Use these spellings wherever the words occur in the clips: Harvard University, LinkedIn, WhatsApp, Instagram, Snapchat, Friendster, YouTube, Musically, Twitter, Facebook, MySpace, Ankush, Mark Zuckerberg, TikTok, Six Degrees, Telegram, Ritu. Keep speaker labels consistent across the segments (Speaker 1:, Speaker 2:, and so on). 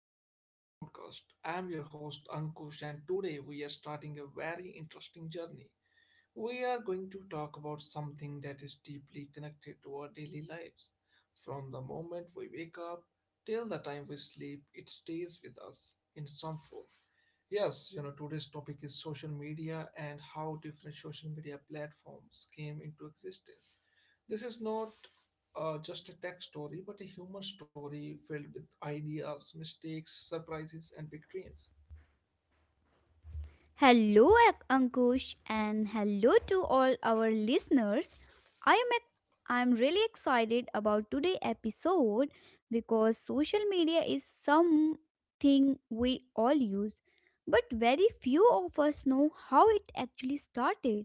Speaker 1: back to our podcast. I'm your host, Ankush, and today we are starting a very interesting journey. We are going to talk about something that is deeply connected to our daily lives. From the moment we wake up till the time we sleep, it stays with us in some form. Yes, today's topic is social media and how different social media platforms came into existence. This is not just a tech story, but a human story filled with ideas, mistakes, surprises, and big dreams.
Speaker 2: Hello, Ankush, and hello to all our listeners. I'm ex. I'm really excited about today's episode because social media is something we all use, but very few of us know how it actually started.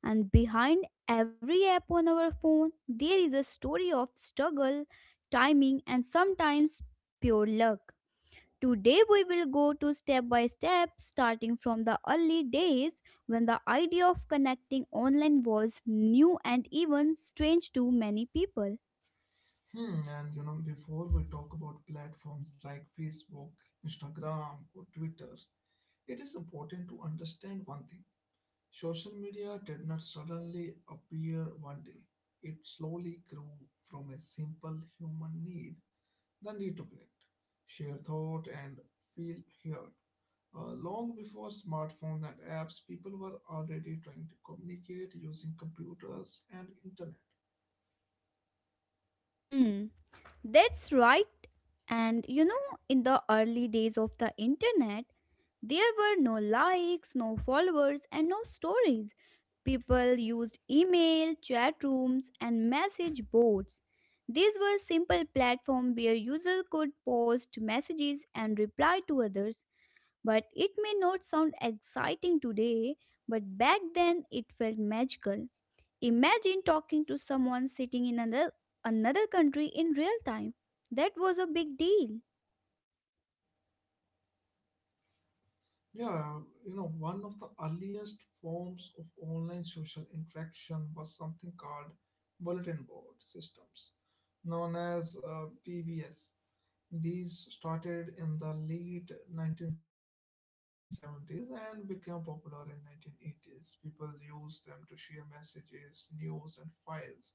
Speaker 2: And behind every app on our phone, there is a story of struggle, timing, and sometimes pure luck. Today, we will go to step by step, starting from the early days when the idea of connecting online was new and even strange to many people.
Speaker 1: Before we talk about platforms like Facebook, Instagram, or Twitter, it is important to understand one thing. Social media did not suddenly appear one day. It slowly grew from a simple human need, the need to connect, share thought, and feel heard. Long before smartphones and apps, people were already trying to communicate using computers and internet.
Speaker 2: Hmm. That's right. And you know, in the early days of the internet, there were no likes, no followers, and no stories. People used email, chat rooms, and message boards. These were simple platforms where users could post messages and reply to others. But it may not sound exciting today, but back then it felt magical. Imagine talking to someone sitting in another country in real time. That was a big deal.
Speaker 1: Yeah, one of the earliest forms of online social interaction was something called bulletin board systems, known as PBS. These started in the late 1970s and became popular in 1980s. People used them to share messages, news, and files.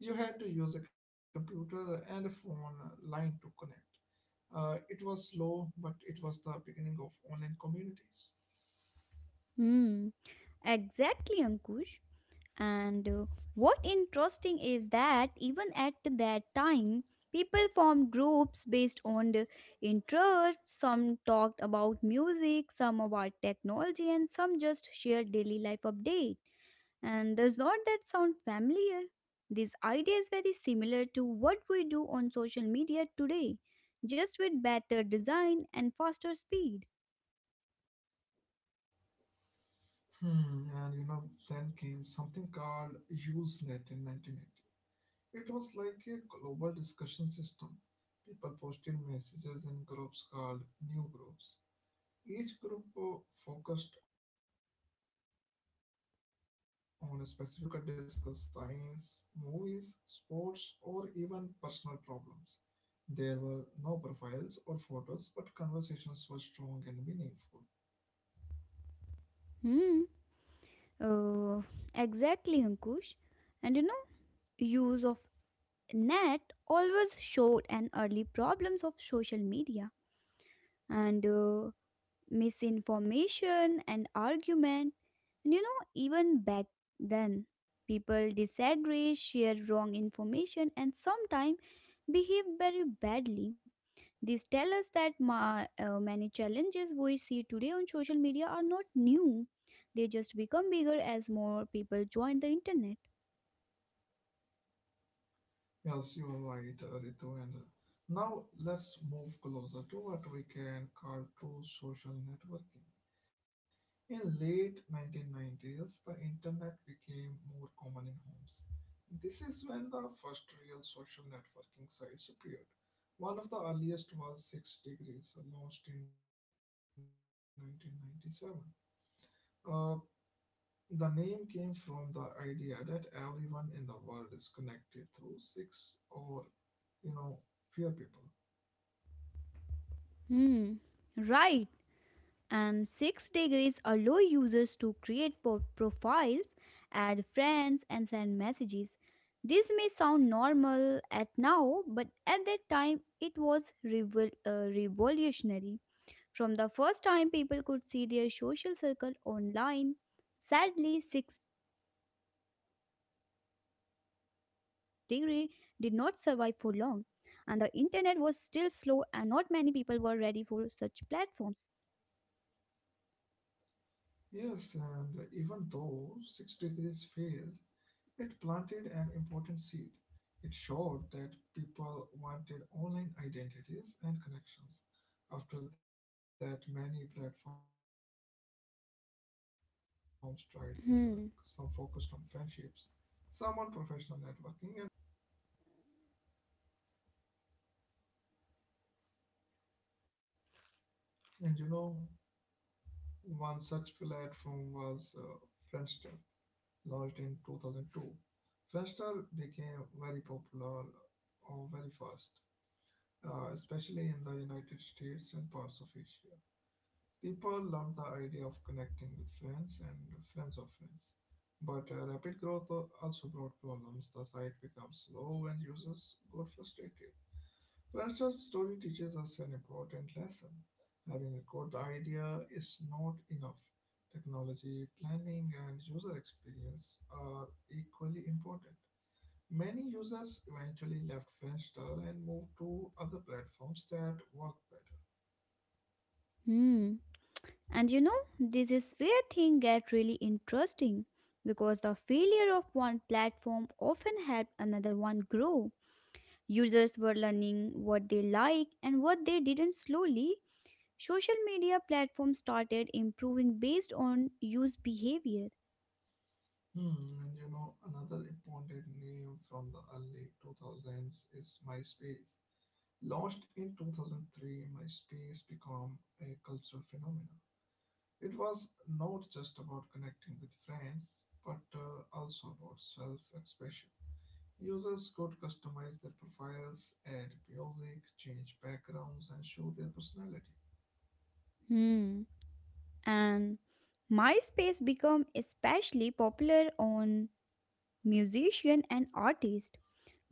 Speaker 1: You had to use a computer and a phone line to connect. It was slow, but it was the beginning of online communities.
Speaker 2: Hmm. Exactly, Ankush. And what interesting is that even at that time, people formed groups based on the interests. Some talked about music, some about technology, and some just shared daily life update. And does not that sound familiar? This idea is very similar to what we do on social media today, just with better design and faster speed.
Speaker 1: Hmm, and you know, then came something called Usenet in 1980. It was like a global discussion system. People posted messages in groups called new groups. Each group focused on a specific topic. You could discuss science, movies, sports, or even personal problems. There were no profiles or photos, but conversations were strong and meaningful.
Speaker 2: Hmm. Uh, exactly, Ankush. And you know, use of Nat always showed an early problems of social media and misinformation and argument. And you know, even back then, people disagree, share wrong information, and sometimes behave very badly. These tell us that many challenges we see today on social media are not new. They just become bigger as more people join the internet.
Speaker 1: Yes, you are right, Ritu. And now let's move closer to what we can call true social networking. In late 1990s, the internet became more common in homes. This is when the first real social networking sites appeared. One of the earliest was Six Degrees, launched in 1997. Uh, the name came from the idea that everyone in the world is connected through six or you know fewer people.
Speaker 2: Hmm. Right. And 6 degrees allow users to create profiles, add friends, and send messages. This may sound normal at now, but at that time it was revolutionary. From the first time people could see their social circle online, sadly 6-degree did not survive for long, and the internet was still slow and not many people were ready for such platforms.
Speaker 1: Yes, and even though Six Degrees failed, it planted an important seed. It showed that people wanted online identities and connections. After that, many platforms tried their luck. Some focused on friendships, some on professional networking,
Speaker 2: Hmm.
Speaker 1: and some on hobbies. And one such platform was Friendster, launched in 2002. Friendster became very popular very fast, especially in the United States and parts of Asia. People love the idea of connecting with friends and friends of friends. But rapid growth also brought problems. The site becomes slow and users got frustrated. French's story teaches us an important lesson. Having a good idea is not enough. Technology, planning, and user experience are equally important. Many users eventually left Friendster and moved to other platforms that work better.
Speaker 2: Hmm. And you know, this is where things get really interesting because the failure of one platform often helped another one grow. Users were learning what they like and what they didn't slowly. Social media platforms started improving based on use behavior.
Speaker 1: Another important name from the early 2000s is MySpace. Launched in 2003, MySpace became a cultural phenomenon. It was not just about connecting with friends, but also about self expression. Users could customize their profiles, add music, change backgrounds, and show their personality.
Speaker 2: Hmm. And MySpace became especially popular on musicians and artists.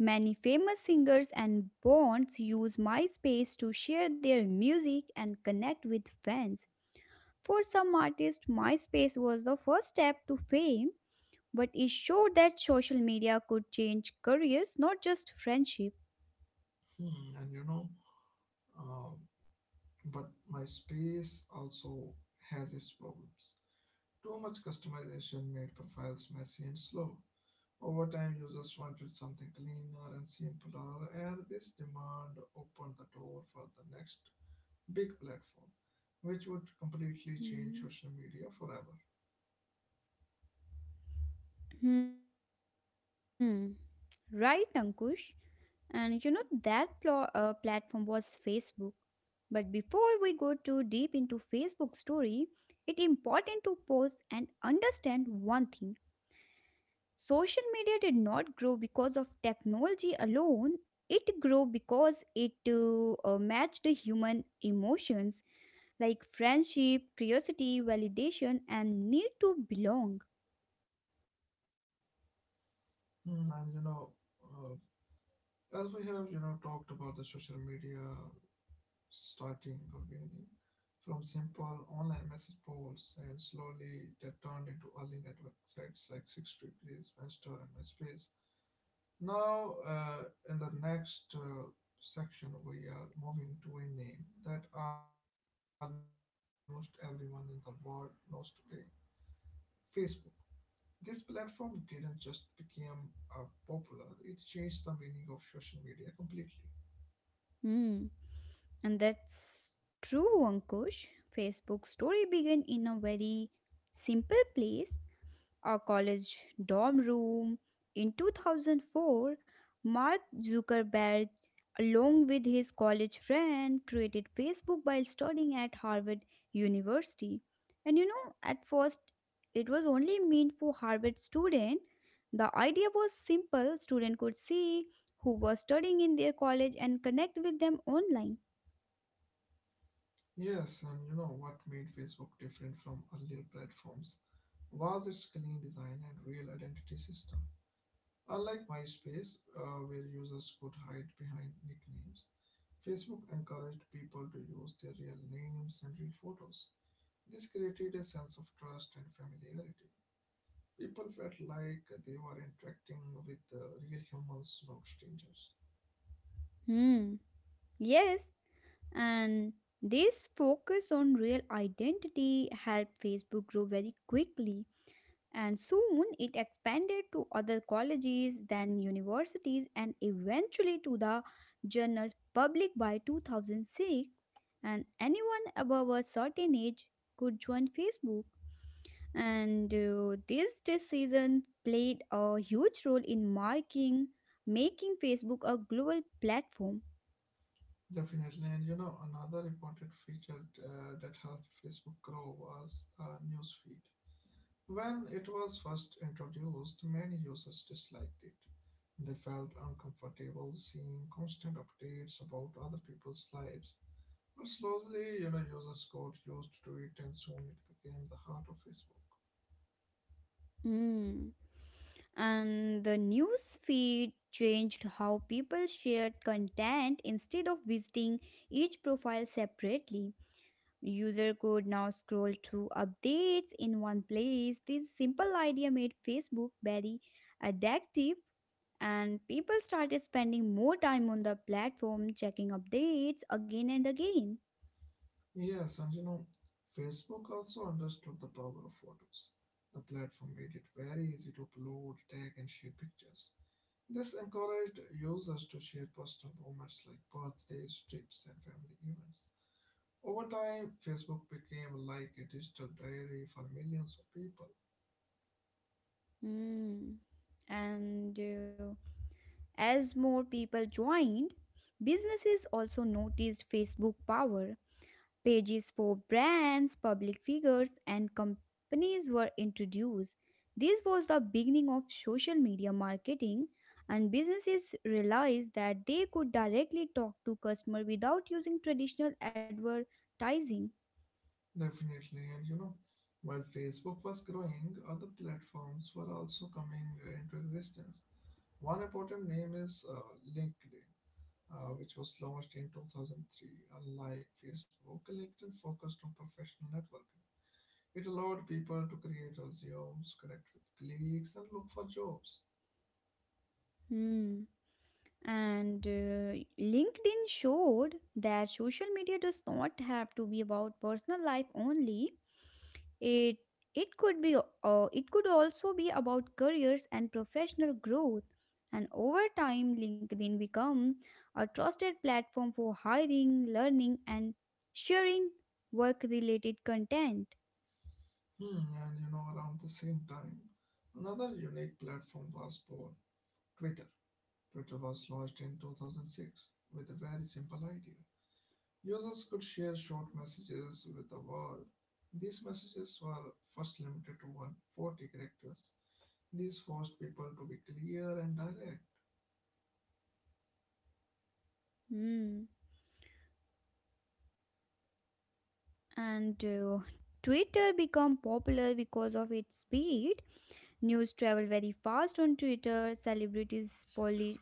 Speaker 2: Many famous singers and bands use MySpace to share their music and connect with fans. For some artists, MySpace was the first step to fame, but it showed that social media could change careers, not just friendship.
Speaker 1: Hmm, and you know, Uh, but MySpace also has its problems. Too much customization made profiles messy and slow. Over time, users wanted something cleaner and simpler, and this demand opened the door for the next big platform, which would completely
Speaker 2: Hmm.
Speaker 1: change social media forever.
Speaker 2: Hmm. Right, Ankush. And you know that platform was Facebook. But before we go too deep into Facebook story, it important to pause and understand one thing. Social media did not grow because of technology alone, it grew because it matched the human emotions like friendship, curiosity, validation, and need to belong.
Speaker 1: Hmm, And you know, uh, as we have talked about the social media, starting again from simple online message boards and slowly that turned into early network sites like Six degrees, Friendster and MySpace. Now in the next section we are moving to a name that almost everyone in the world knows today, Facebook. This platform didn't just become popular, it changed the meaning of social media completely.
Speaker 2: Hmm. And that's true, Ankush. Facebook story began in a very simple place, a college dorm room. In 2004, Mark Zuckerberg, along with his college friend, created Facebook while studying at Harvard University. And you know, at first, it was only meant for Harvard students. The idea was simple, students could see who was studying in their college and connect with them online.
Speaker 1: Yes, and you know what made Facebook different from earlier platforms was its clean design and real identity system. Unlike MySpace, where users could hide behind nicknames, Facebook encouraged people to use their real names and real photos. This created a sense of trust and familiarity. People felt like they were interacting with real humans, not strangers.
Speaker 2: Hmm. Yes, and this focus on real identity helped Facebook grow very quickly, and soon it expanded to other colleges, then universities, and eventually to the general public by 2006. And anyone above a certain age could join Facebook. And This decision played a huge role in marking making Facebook a global platform.
Speaker 1: Definitely, and another important feature that helped Facebook grow was the newsfeed. When it was first introduced, many users disliked it. They felt uncomfortable seeing constant updates about other people's lives. But slowly, users got used to it, and soon it became the heart of Facebook.
Speaker 2: Mm. And the news feed changed how people shared content. Instead of visiting each profile separately, user could now scroll through updates in one place. This simple idea made Facebook very addictive, and people started spending more time on the platform checking updates again and again.
Speaker 1: Yes, and Facebook also understood the power of photos. The platform made it very easy to upload, tag, and share pictures. This encouraged users to share personal moments like birthdays, trips, and family events. Over time, Facebook became like a digital diary for millions of people.
Speaker 2: Hmm. and As more people joined, businesses also noticed Facebook power. Pages for brands, public figures, and companies were introduced. This was the beginning of social media marketing, and businesses realized that they could directly talk to customers without using traditional advertising.
Speaker 1: Definitely, and while Facebook was growing, other platforms were also coming into existence. One important name is LinkedIn, which was launched in 2003. Unlike Facebook, LinkedIn focused on professional networking. It allowed people to create resumes, connect with colleagues, and look for jobs.
Speaker 2: Hmm. And LinkedIn showed that social media does not have to be about personal life only. It it could be it could also be about careers and professional growth. And over time, LinkedIn become a trusted platform for hiring, learning, and sharing work-related content.
Speaker 1: Around the same time, another unique platform was born: Twitter. Twitter was launched in 2006 with a very simple idea. Users could share short messages with the world. These messages were first limited to 140 characters. These forced people to be clear and direct.
Speaker 2: Hmm. And Twitter become popular because of its speed. News travel very fast on Twitter. Celebrities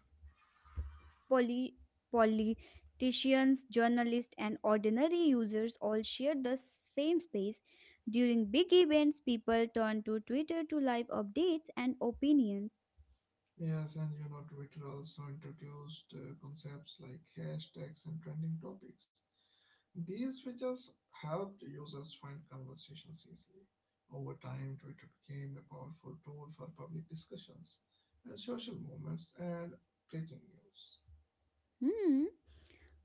Speaker 2: Poli- politicians, journalists, and ordinary users all share the same space. During big events, people turn to Twitter to live updates and opinions.
Speaker 1: Yes, and Twitter also introduced concepts like hashtags and trending topics. These features helped users find conversations easily. Over time, Twitter became a powerful tool for public discussions and social movements and breaking news.
Speaker 2: Hmm.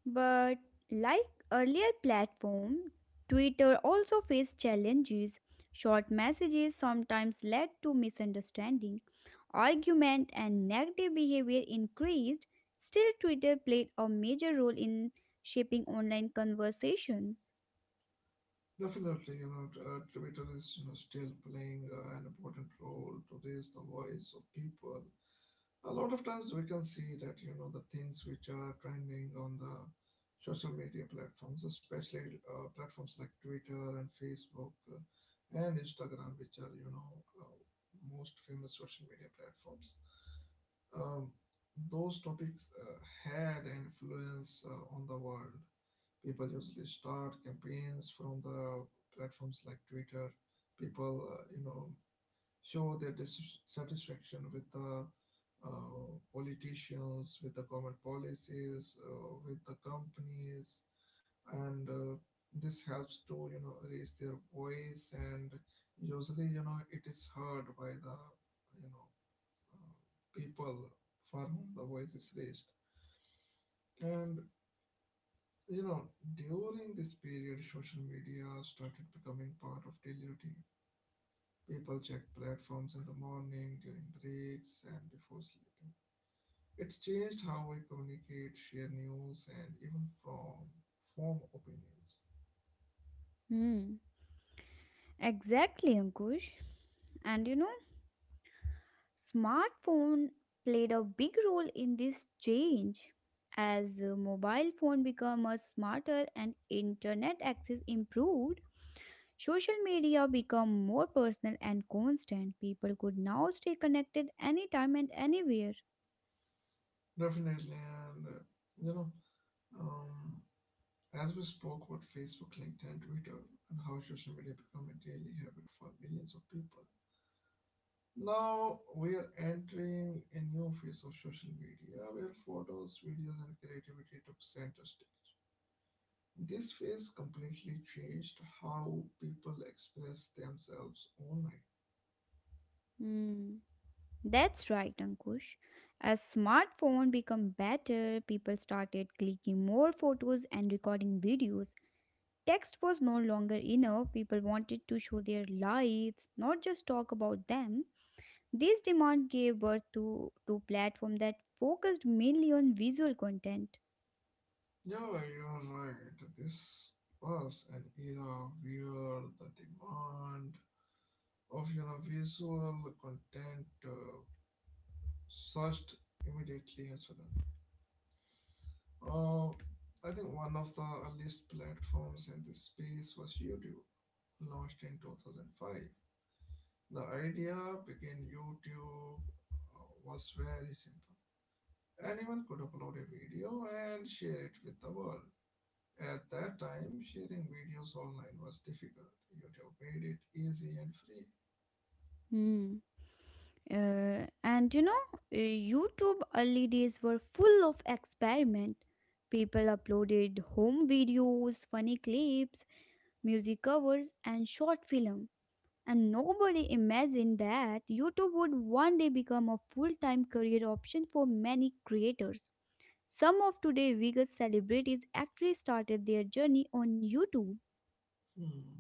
Speaker 2: But like earlier platform, Twitter also faced challenges. Short messages sometimes led to misunderstanding, argument and negative behavior increased. Still Twitter played a major role in shaping online conversations.
Speaker 1: Definitely, Twitter is still playing an important role to raise the voice of people. A lot of times we can see that the things which are trending on the social media platforms, especially platforms like Twitter and Facebook, and Instagram, which are uh, most famous social media platforms, um, those topics had an influence on the world. People usually start campaigns from the platforms like Twitter. People show their dissatisfaction with the politicians, with the government policies, with the companies, and this helps to raise their voice. And usually, it is heard by the you know people for whom the voice is raised. And you know, during this period, social media started becoming part of daily routine. People check platforms in the morning, during breaks, and before sleeping. It's changed how we communicate, share news, and even from form opinions.
Speaker 2: Hmm. Exactly, Ankush. And you know, smartphone played a big role in this change as mobile phone became a smarter and internet access improved. Social media became more personal and constant. People could now stay connected anytime and anywhere.
Speaker 1: Definitely, and you know, um, as we spoke about Facebook, LinkedIn, Twitter, and how social media become a daily habit for millions of people. Now we are entering a new phase of social media where photos, videos, and creativity took center stage. This phase completely changed how people express themselves online.
Speaker 2: Hmm. That's right, Ankush. As smartphone become better, people started clicking more photos and recording videos. Text was no longer enough. People wanted to show their lives, not just talk about them. This demand gave birth to platform that focused mainly on visual content.
Speaker 1: Yeah, you're right. This was an era where the demand of visual content surged immediately and suddenly. Uh, I think one of the earliest platforms in this space was YouTube, launched in 2005. The idea behind YouTube uh, was very simple. Anyone could upload a video and share it with the world. At that time, sharing videos online was difficult. YouTube made it easy and free.
Speaker 2: Hmm. Uh, and you know, uh, YouTube early days were full of experiment. People uploaded home videos, funny clips, music covers, and short film. And nobody imagined that YouTube would one day become a full time career option for many creators. Some of today's biggest celebrities actually started their journey on YouTube.
Speaker 1: Hmm.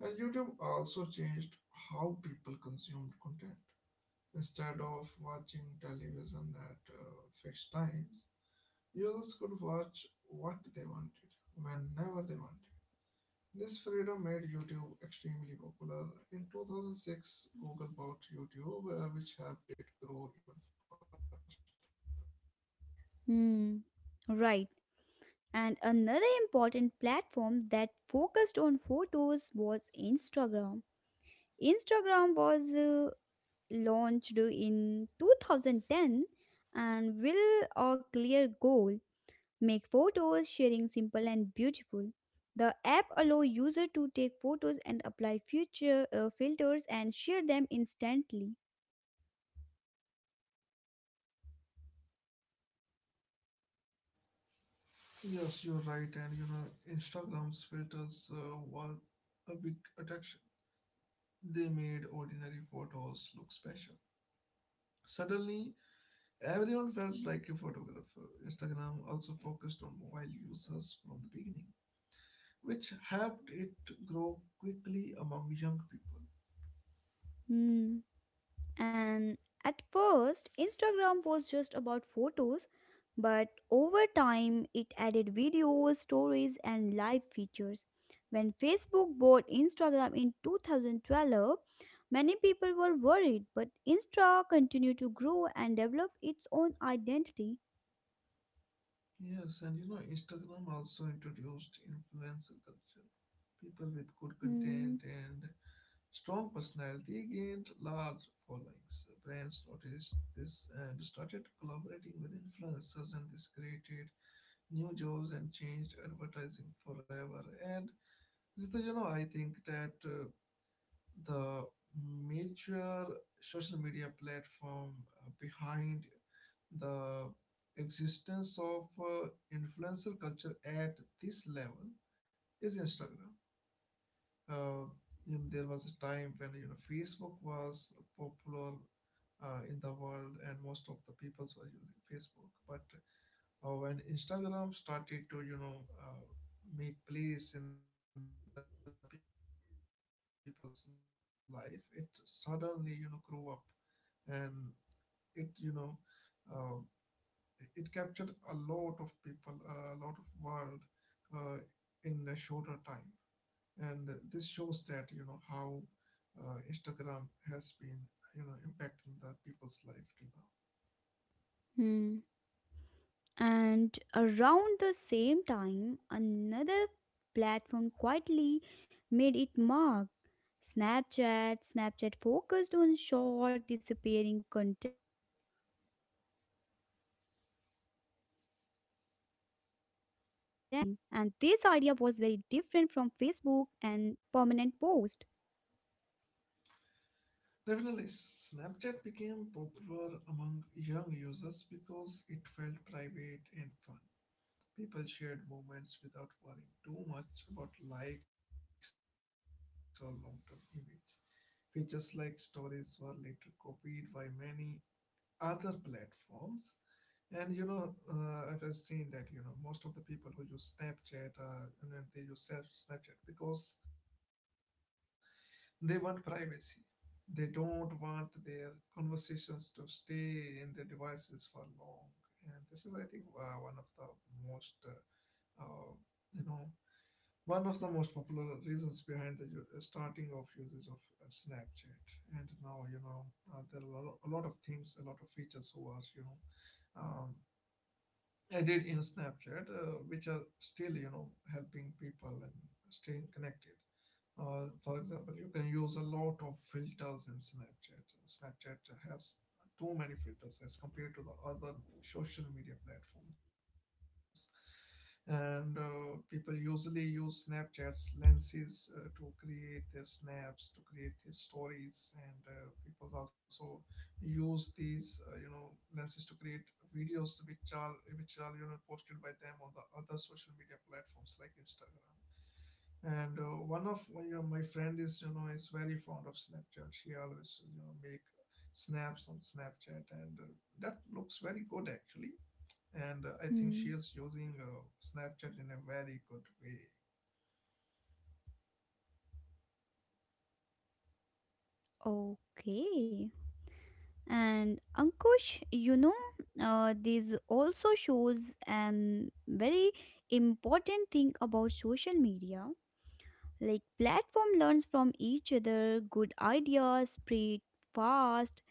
Speaker 1: And YouTube also changed how people consumed content. Instead of watching television at fixed times, users could watch what they wanted, whenever they wanted. This freedom made YouTube extremely popular. In 2006, Google bought YouTube, which helped it grow even faster.
Speaker 2: Hmm. Right. And another important platform that focused on photos was Instagram. Instagram was launched in 2010 and with a clear goal. Make photos, sharing simple and beautiful. The app allow user to take photos and apply future filters and share them instantly.
Speaker 1: Yes, you're right, and Instagram's filters were a big attraction. They made ordinary photos look special. Suddenly, everyone felt like a photographer. Instagram also focused on mobile users from the beginning, which helped it grow quickly among young people.
Speaker 2: Hmm. And at first, Instagram was just about photos, but over time, it added videos, stories, and live features. When Facebook bought Instagram in 2012, many people were worried, but Insta continued to grow and develop its own identity.
Speaker 1: Yes, and Instagram also introduced influencer culture. People with good
Speaker 2: Hmm.
Speaker 1: content and strong personality gained large followings. Brands noticed this and started collaborating with influencers, and this created new jobs and changed advertising forever. And Rita, I think that the major social media platform behind the existence of influencer culture at this level is Instagram. Uh, there was a time when Facebook was popular in the world, and most of the peoples were using Facebook. But when Instagram started to make place in the people's life, it suddenly grew up, and it you know uh, it captured a lot of people, a lot of world, uh, in a shorter time. And this shows that how Instagram has been impacting the people's life till
Speaker 2: Hmm. And around the same time, another platform quietly made it mark. Snapchat. Snapchat focused on short, disappearing content, messages, and photos vanished after some time. And this idea was very different from Facebook and permanent post.
Speaker 1: now. Definitely, Snapchat became popular among young users because it felt private and fun. People shared moments without worrying too much about likes or long term image. Features like stories were later copied by many other platforms. I've just seen that most of the people who use Snapchat and then they use Snapchat because they want privacy. They don't want their conversations to stay in their devices for long. And this is, I think, one of the most, uh, you know, one of the most popular reasons behind the starting of usage of Snapchat, and now there are a lot of things, a lot of features who are um, I did in Snapchat, which are still, helping people and staying connected. For example, you can use a lot of filters in Snapchat. Snapchat has too many filters as compared to the other social media platforms. And People usually use Snapchat's lenses to create their snaps, to create their stories, and people also use these lenses to create videos which are posted by them on the other social media platforms like Instagram. And One of my, my friend is is very fond of Snapchat. She always make snaps on Snapchat, and that looks very good actually, and I
Speaker 2: Hmm.
Speaker 1: think she is using Snapchat in a very good way.
Speaker 2: Okay. And Ankush, you know, this also shows an very important thing about social media. Like platform learns from each other, good ideas spread fast,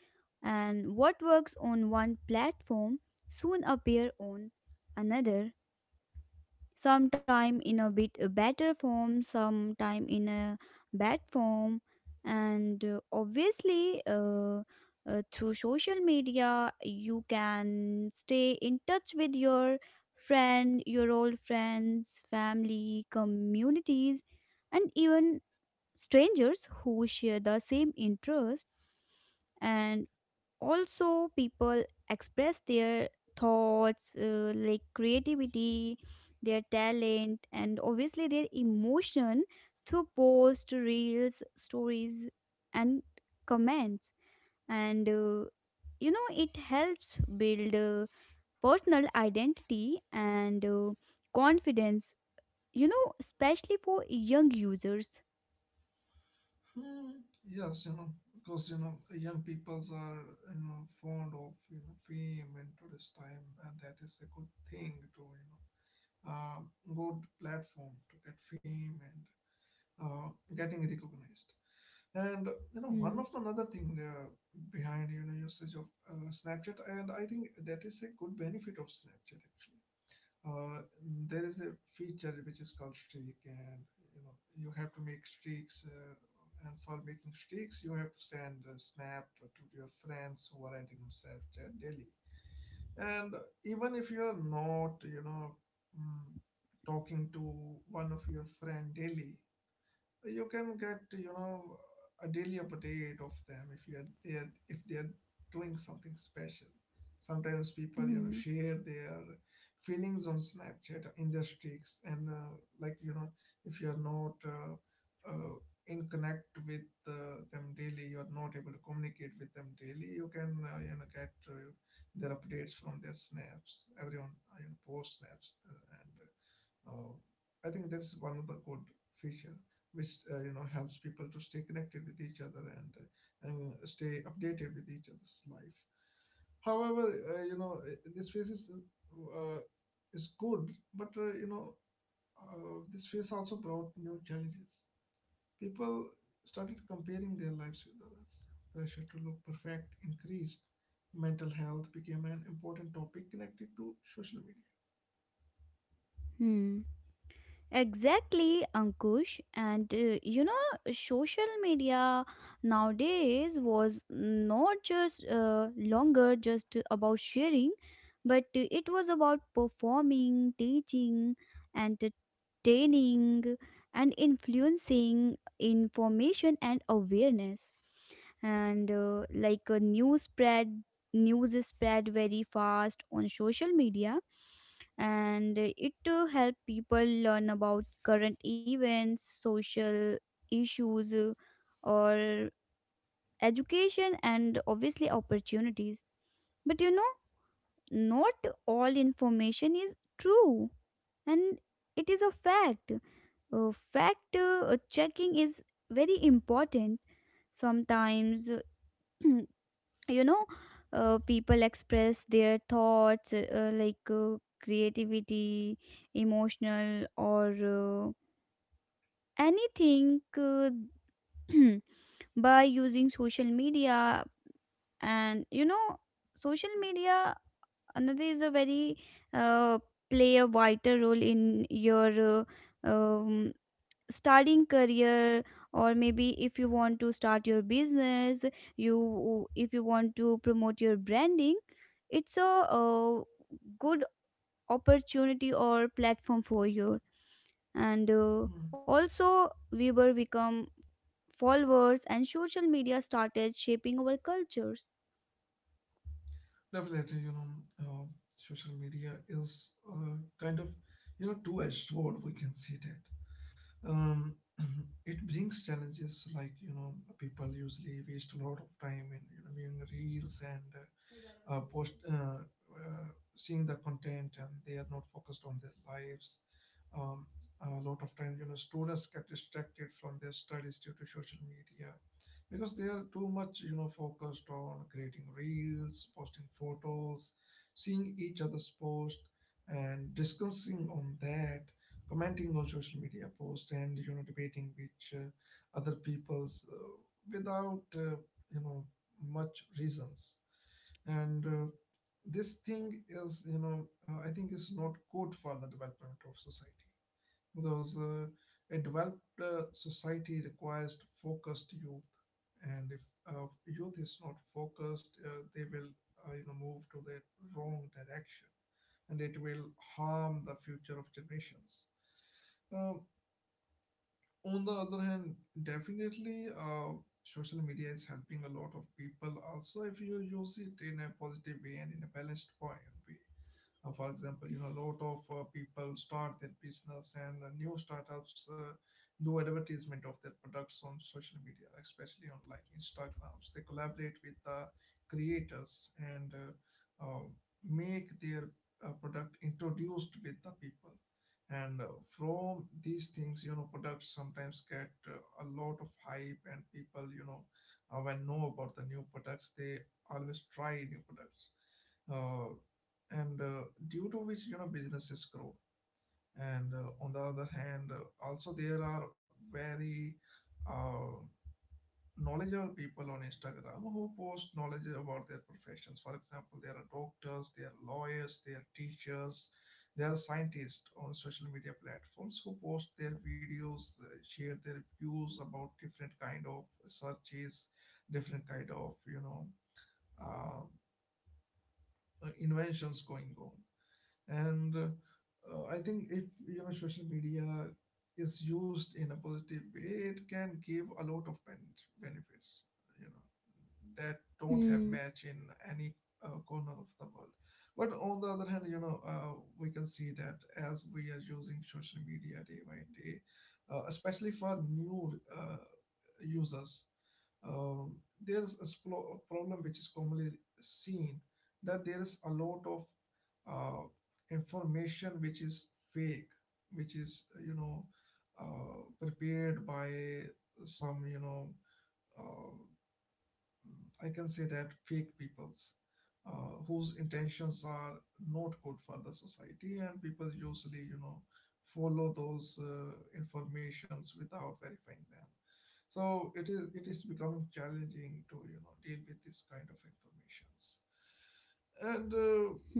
Speaker 2: and what works on one platform soon appear on another, sometime in a bit a better form, sometime in a bad form. And obviously Through social media you can stay in touch with your friend, your old friends, family, communities, and even strangers who share the same interest. And also people express their thoughts, like creativity, their talent, and obviously their emotion through posts, reels, stories, and comments. And You know, it helps build personal identity and confidence, you know, especially for young users.
Speaker 1: Hmm, yes, you know, because you know, young peoples are fond of fame in today's time, and that is a good thing uh, good platform to get fame and uh, getting recognized. And
Speaker 2: Hmm.
Speaker 1: one of the another thing there behind usage of Snapchat, and I think that is a good benefit of Snapchat actually. uh, there is a feature which is called streak, and you have to make streaks, and for making streaks you have to send a snap to your friends who are adding themselves there daily. And even if you're not mm, talking to one of your friend daily, you can get a daily update of them, if you are they are if they are doing something special. Sometimes people
Speaker 2: Hmm.
Speaker 1: share their feelings on Snapchat in their streaks, and like you know if you are not uh, in connect with them daily, you are not able to communicate with them daily, you can get their updates from their snaps. Everyone post snaps, and uh, I think that's one of the good feature which helps people to stay connected with each other, and stay updated with each other's life. However, this phase is, is good, but this phase also brought new challenges. People started comparing their lives with others. Pressure to look perfect increased. Mental health became an important topic connected to social media.
Speaker 2: Hmm. Exactly, Ankush. And You know, social media nowadays was not just longer just about sharing, but it was about performing, teaching, entertaining, and influencing information and awareness. And Like a news spread, news is spread very fast on social media, and it to help people learn about current events, social issues, or education, and obviously opportunities. But you know, not all information is true, and it is a fact. Fact checking is very important sometimes. You know, people express their thoughts, like creativity, emotional, or anything, by using social media. And you know, social media another is a very uh, play a vital role in your uh, um, starting career, or maybe if you want to start your business, you if you want to promote your branding, it's a, good opportunity or platform for you. And
Speaker 1: Hmm.
Speaker 2: Also we will become followers, and social media started shaping our cultures.
Speaker 1: Definitely, uh, social media is kind of, two-edged sword. We can see that. Um, it brings challenges, like people usually waste a lot of time in viewing reels and post uh, seeing the content, and they are not focused on their lives. Um, a lot of times, students get distracted from their studies due to social media because they are too much focused on creating reels, posting photos, seeing each other's post, and discussing on that, commenting on social media posts, and debating which other people's without you know much reasons, and this thing is I think is not good for the development of society, because a developed society requires focused youth, and if youth is not focused, they will move to the wrong direction, and it will harm the future of generations. uh, on the other hand, definitely social media is helping a lot of people also, if you use it in a positive way and in a balanced point way. For example, a lot of people start their business, and new startups do advertisement of their products on social media, especially on like Instagrams. They collaborate with the creators, and make their product introduced with the people. And From these things, products sometimes get a lot of hype, and people, when know about the new products, they always try new products. Uh, and Due to which businesses grow, and on the other hand also there are very uh, knowledgeable people on Instagram who post knowledge about their professions. For example, there are doctors, there are lawyers, there are teachers, there are scientists on social media platforms who post their videos, share their views about different kind of searches, different kind of uh, inventions going on, and I think if social media is used in a positive way, it can give a lot of benefits that don't have
Speaker 2: Hmm.
Speaker 1: match in any corner of the world. But on the other hand, we can see that as we are using social media day by day, especially for new users, um, there's a a problem which is commonly seen, that there is a lot of uh, information which is fake, which is prepared by some uh, I can say that fake peoples whose intentions are not good for the society, and people usually, follow those informations without verifying them. So it is becoming challenging to deal with this kind of informations, and
Speaker 2: Hmm.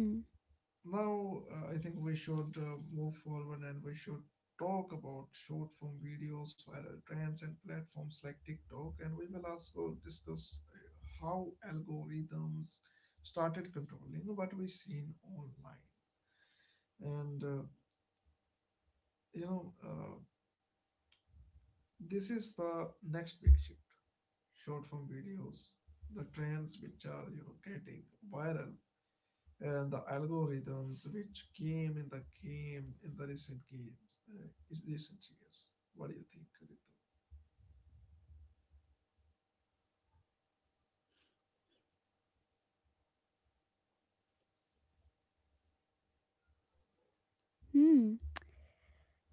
Speaker 1: now, I think we should move forward and we should talk about short form videos, viral trends, and platforms like TikTok. And we will also discuss how algorithms started controlling what we seen online. And uh, you know, uh, this is the next big shift: short form videos, the trends which are getting viral, and the algorithms which came in the game in the recent games, is recent years. What do you think, Ritu?
Speaker 2: Hmm.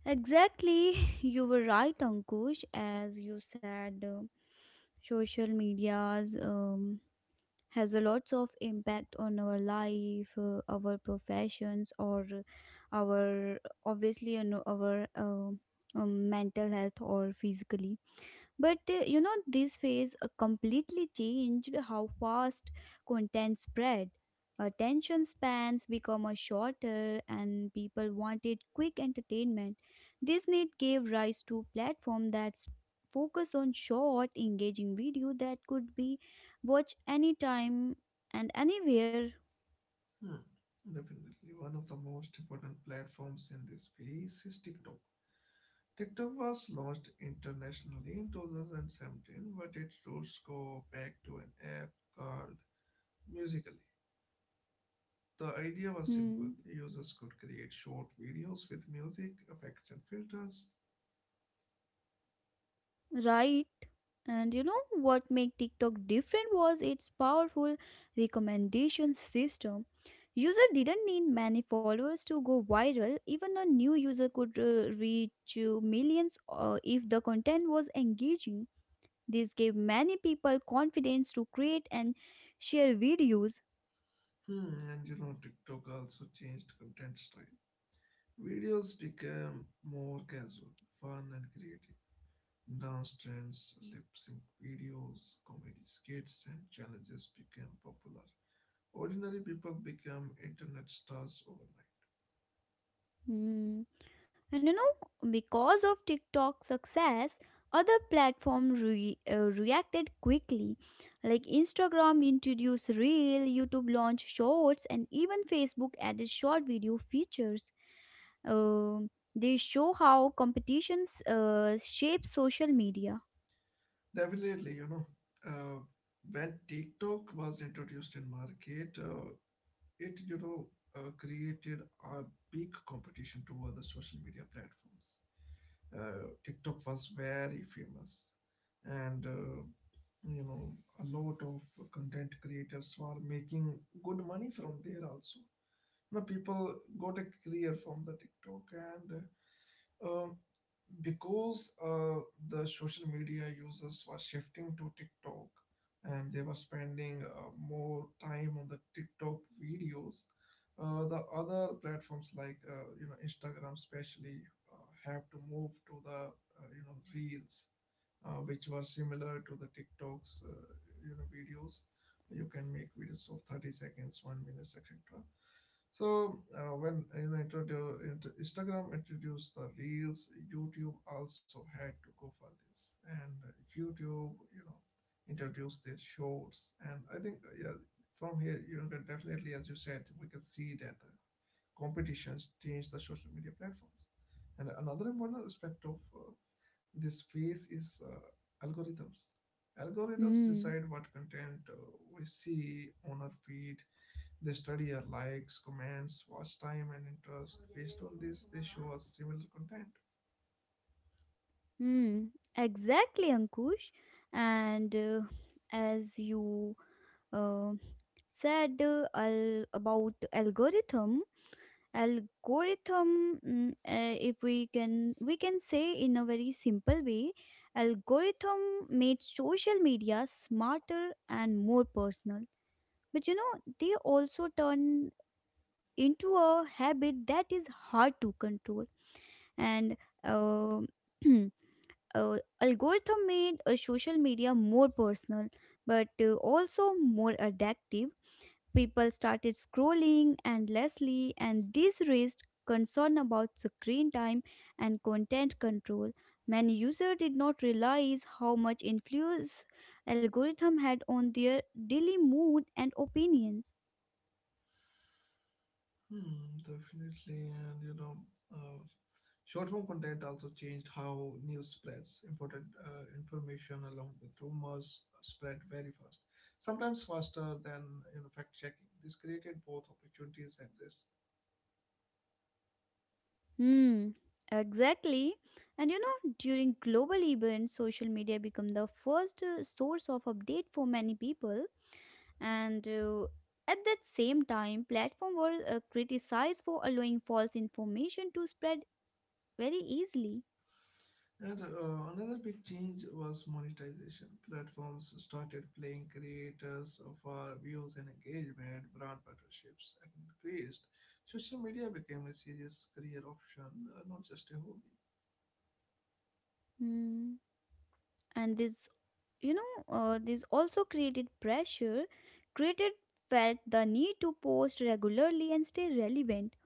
Speaker 2: Exactly, you were right, Ankush. As you said, social medias. Has a lots of impact on our life, our professions, or our obviously on our mental health or physically. But you know, this phase completely changed how fast content spread. Attention spans become a shorter, and people wanted quick entertainment. This need gave rise to platform that focus on short, engaging video that could be watched anytime and anywhere.
Speaker 1: Hmm. Definitely, one of the most important platforms in this space is TikTok. TikTok was launched internationally in 2017, but its roots go back to an app called Musically. The idea was simple.
Speaker 2: Hmm.
Speaker 1: Users could create short videos with music, effects, and filters.
Speaker 2: Right. And you know what made TikTok different was its powerful recommendation system. User didn't need many followers to go viral. Even a new user could reach millions if the content was engaging. This gave many people confidence to create and share videos.
Speaker 1: Hmm, and you know, TikTok also changed content style. Videos became more casual, fun and creative. Dance trends, lip sync videos, comedy skits, and challenges became popular. Ordinary people became internet stars overnight.
Speaker 2: Hmm. And you know, because of TikTok's success, other platforms reacted quickly. Like Instagram introduced Reel, YouTube launched Shorts, and even Facebook added short video features. Um they show how competitions shape social media.
Speaker 1: Definitely, uh, when TikTok was introduced in market, it, created a big competition to other social media platforms. TikTok was very famous, and you know, a lot of content creators were making good money from there also. You know, people got a career from the TikTok, and uh, because the social media users were shifting to TikTok, and they were spending more time on the TikTok videos. The other platforms like Instagram, especially, uh, have to move to the reels, which was similar to the TikTok's videos. You can make videos of 30 seconds, 1 minutes, etc. So when Instagram introduced the Reels, YouTube also had to go for this, and YouTube you know introduced their Shorts, and I think yeah, from here that definitely, as you said, we can see that the competitions change the social media platforms. And another important aspect of this phase is algorithms. Algorithms
Speaker 2: Hmm.
Speaker 1: decide what content we see on our feed. They study our likes, comments, watch time, and interest. Based on this, they show us similar content.
Speaker 2: Hmm, exactly, Ankush. And as you uh, said about algorithm, if we can say in a very simple way, algorithm made social media smarter and more personal. But you know, they also turn into a habit that is hard to control and. Uh, algorithm made social media more personal but also more addictive. People started scrolling endlessly, and this raised concern about screen time and content control. Many users did not realize how much influence algorithm had on their daily mood and opinions.
Speaker 1: Hmm, definitely. And you know, uh, short form content also changed how news spreads. Important information along with rumors spread very fast, sometimes faster than fact checking. This created both opportunities and risks.
Speaker 2: Hmm, exactly. And you know, during global events social media become the first source of update for many people, and at that same time platforms were criticized for allowing false information to spread very easily.
Speaker 1: And Another big change was monetization. Platforms started playing creators for views and engagement, brand partnerships increased. Social media became a serious career option, not just a hobby.
Speaker 2: Hmm. And this you know this also created pressure, created felt the need to post regularly and stay relevant.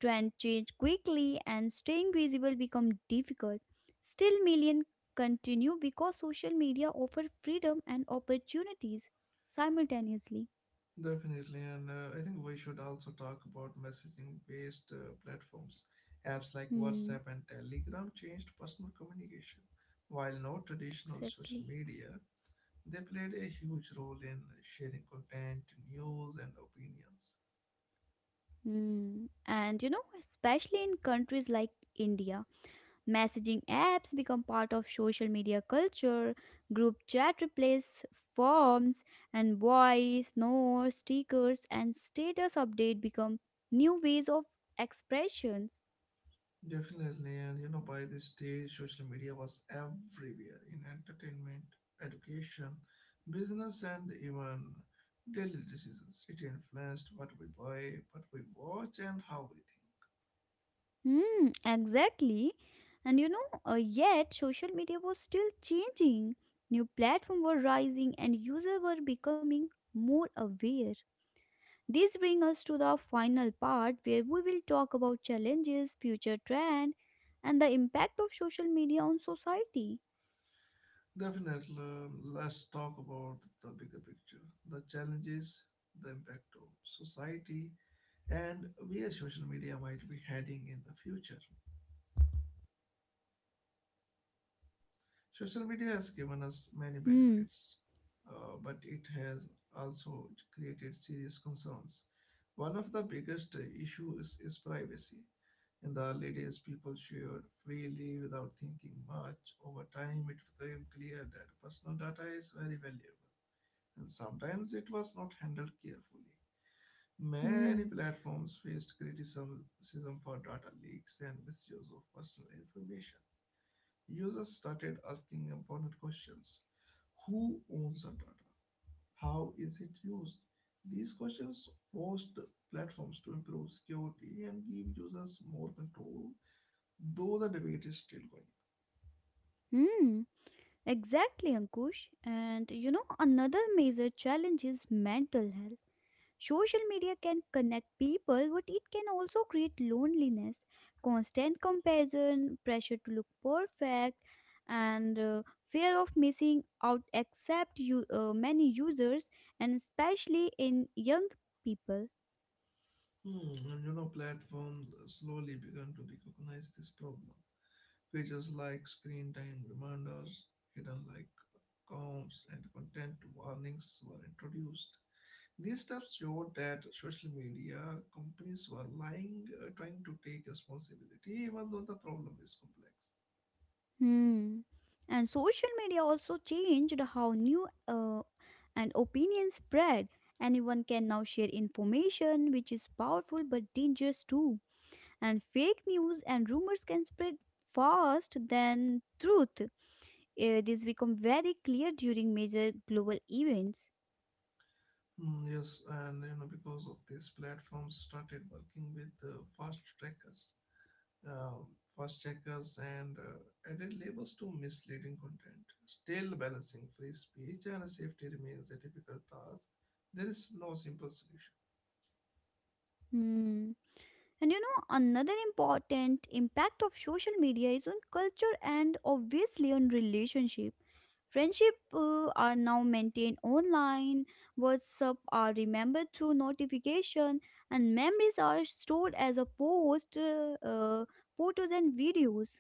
Speaker 2: Trend change quickly, and staying visible become difficult. Still million continue because social media offer freedom and opportunities simultaneously.
Speaker 1: Definitely, and I think we should also talk about messaging based platforms. Apps like
Speaker 2: Hmm,
Speaker 1: WhatsApp and Telegram changed personal communication. While not traditional
Speaker 2: exactly.
Speaker 1: social media, they played a huge role in sharing content, news, and opinions.
Speaker 2: Mm. And you know, especially in countries like India, messaging apps become part of social media culture, group chat replace forms, and voice, notes, stickers, and status update become new ways of expressions.
Speaker 1: Definitely, and you know, by this stage, social media was everywhere in entertainment, education, business, and even daily decisions. It influenced what we buy, what we watch, and how we think.
Speaker 2: Hmm, exactly. And you know, yet social media was still changing. New platforms were rising, and users were becoming more aware. This brings us to the final part where we will talk about challenges, future trend, and the impact of social media on society.
Speaker 1: Definitely, let's talk about the bigger picture: the challenges, the impact of society, and where social media might be heading in the future. Social media has given us many
Speaker 2: Hmm,
Speaker 1: benefits, but it has also created serious concerns. One of the biggest issues is privacy. In the early days, people shared freely without thinking much. Over time, it became clear that personal data is very valuable, and sometimes it was not handled carefully. Many
Speaker 2: hmm,
Speaker 1: platforms faced criticism for data leaks and misuse of personal information. Users started asking important questions. Who owns the data? How is it used? These questions forced platforms to improve security and give users more control, though the debate is still going.
Speaker 2: hmm. Exactly, Ankush. And you know, another major challenge is mental health. Social media can connect people, but it can also create loneliness, constant comparison, pressure to look perfect, and fear of missing out. Except you, many users, and especially in young people.
Speaker 1: Hmm, and you know, platforms slowly began to recognize this problem. Features like screen time reminders, hidden like accounts, and content warnings were introduced. These steps showed that social media companies were lying, trying to take responsibility, even though the problem is complex.
Speaker 2: Hmm. And social media also changed how new and opinions spread. Anyone can now share information, which is powerful but dangerous too. And fake news and rumors can spread fast than truth. This become very clear during major global events.
Speaker 1: Hmm, yes, and you know because of this, platforms started working with fast trackers, um, fast checkers, and added labels to misleading content. Still, balancing free speech and safety remains a difficult task. There is no simple solution.
Speaker 2: Hmm. And you know, another important impact of social media is on culture and obviously on relationship. Friendship are now maintained online, WhatsApp are remembered through notification, and memories are stored as a post, photos, and videos.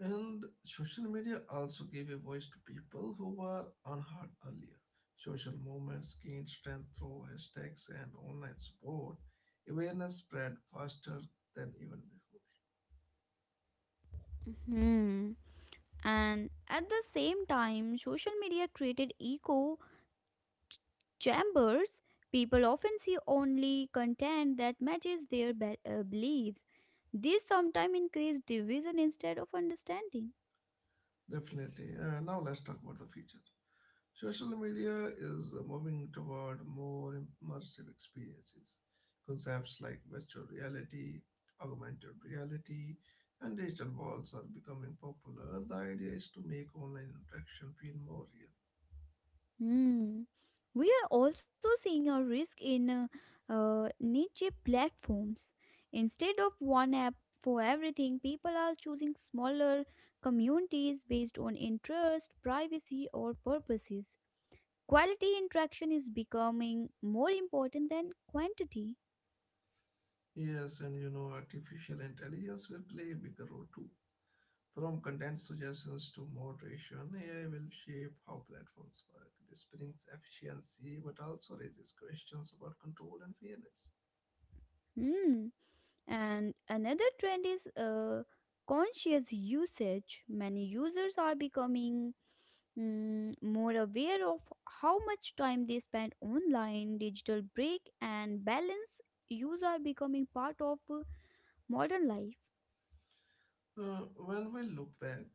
Speaker 1: And social media also gave a voice to people who were unheard earlier. Social movements gained strength through hashtags and online support. Awareness spread faster than even before.
Speaker 2: Hmm. And at the same time, social media created echo chambers. People often see only content that matches their beliefs. This sometimes increase division instead of understanding.
Speaker 1: Definitely. Now let's talk about the future. Social media is moving toward more immersive experiences. Concepts like virtual reality, augmented reality, and digital walls are becoming popular. The idea is to make online interaction feel more real.
Speaker 2: Hmm. We are also seeing a risk in niche platforms. Instead of one app for everything, people are choosing smaller communities based on interest, privacy, or purposes. Quality interaction is becoming more important than quantity.
Speaker 1: Yes, and you know, artificial intelligence will play a bigger role too. From content suggestions to moderation, AI will shape how platforms work. This brings efficiency but also raises questions about control and fairness.
Speaker 2: Hmm. And another trend is conscious usage. Many users are becoming more aware of how much time they spend online. Digital break and balance use are becoming part of modern life.
Speaker 1: When we look back,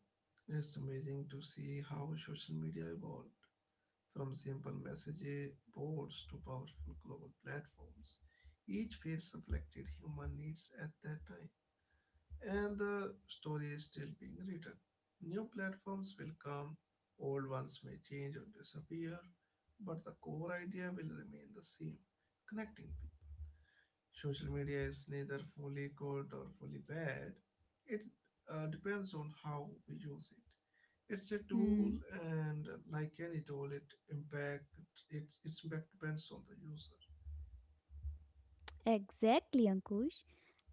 Speaker 1: it's amazing to see how social media evolved from simple message boards to powerful global platforms. Each phase reflected human needs at that time, and the story is still being written. New platforms will come, old ones may change or disappear, but the core idea will remain the same: connecting people. Social media is neither fully good or fully bad, it depends on how we use it. It's a tool,
Speaker 2: Hmm.
Speaker 1: and like any tool, it impact its impact depends on the user.
Speaker 2: Exactly, Ankush.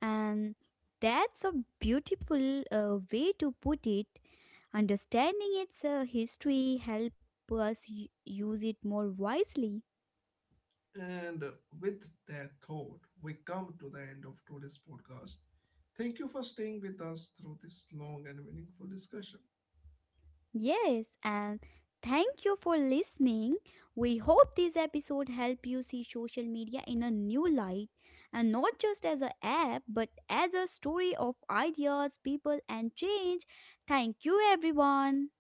Speaker 2: And that's a beautiful way to put it. Understanding its history help us use it more wisely.
Speaker 1: And with that thought, we come to the end of today's podcast. Thank you for staying with us through this long and meaningful discussion.
Speaker 2: Yes, and thank you for listening. We hope this episode help you see social media in a new light and not just as an app but as a story of ideas, people and change. Thank you everyone.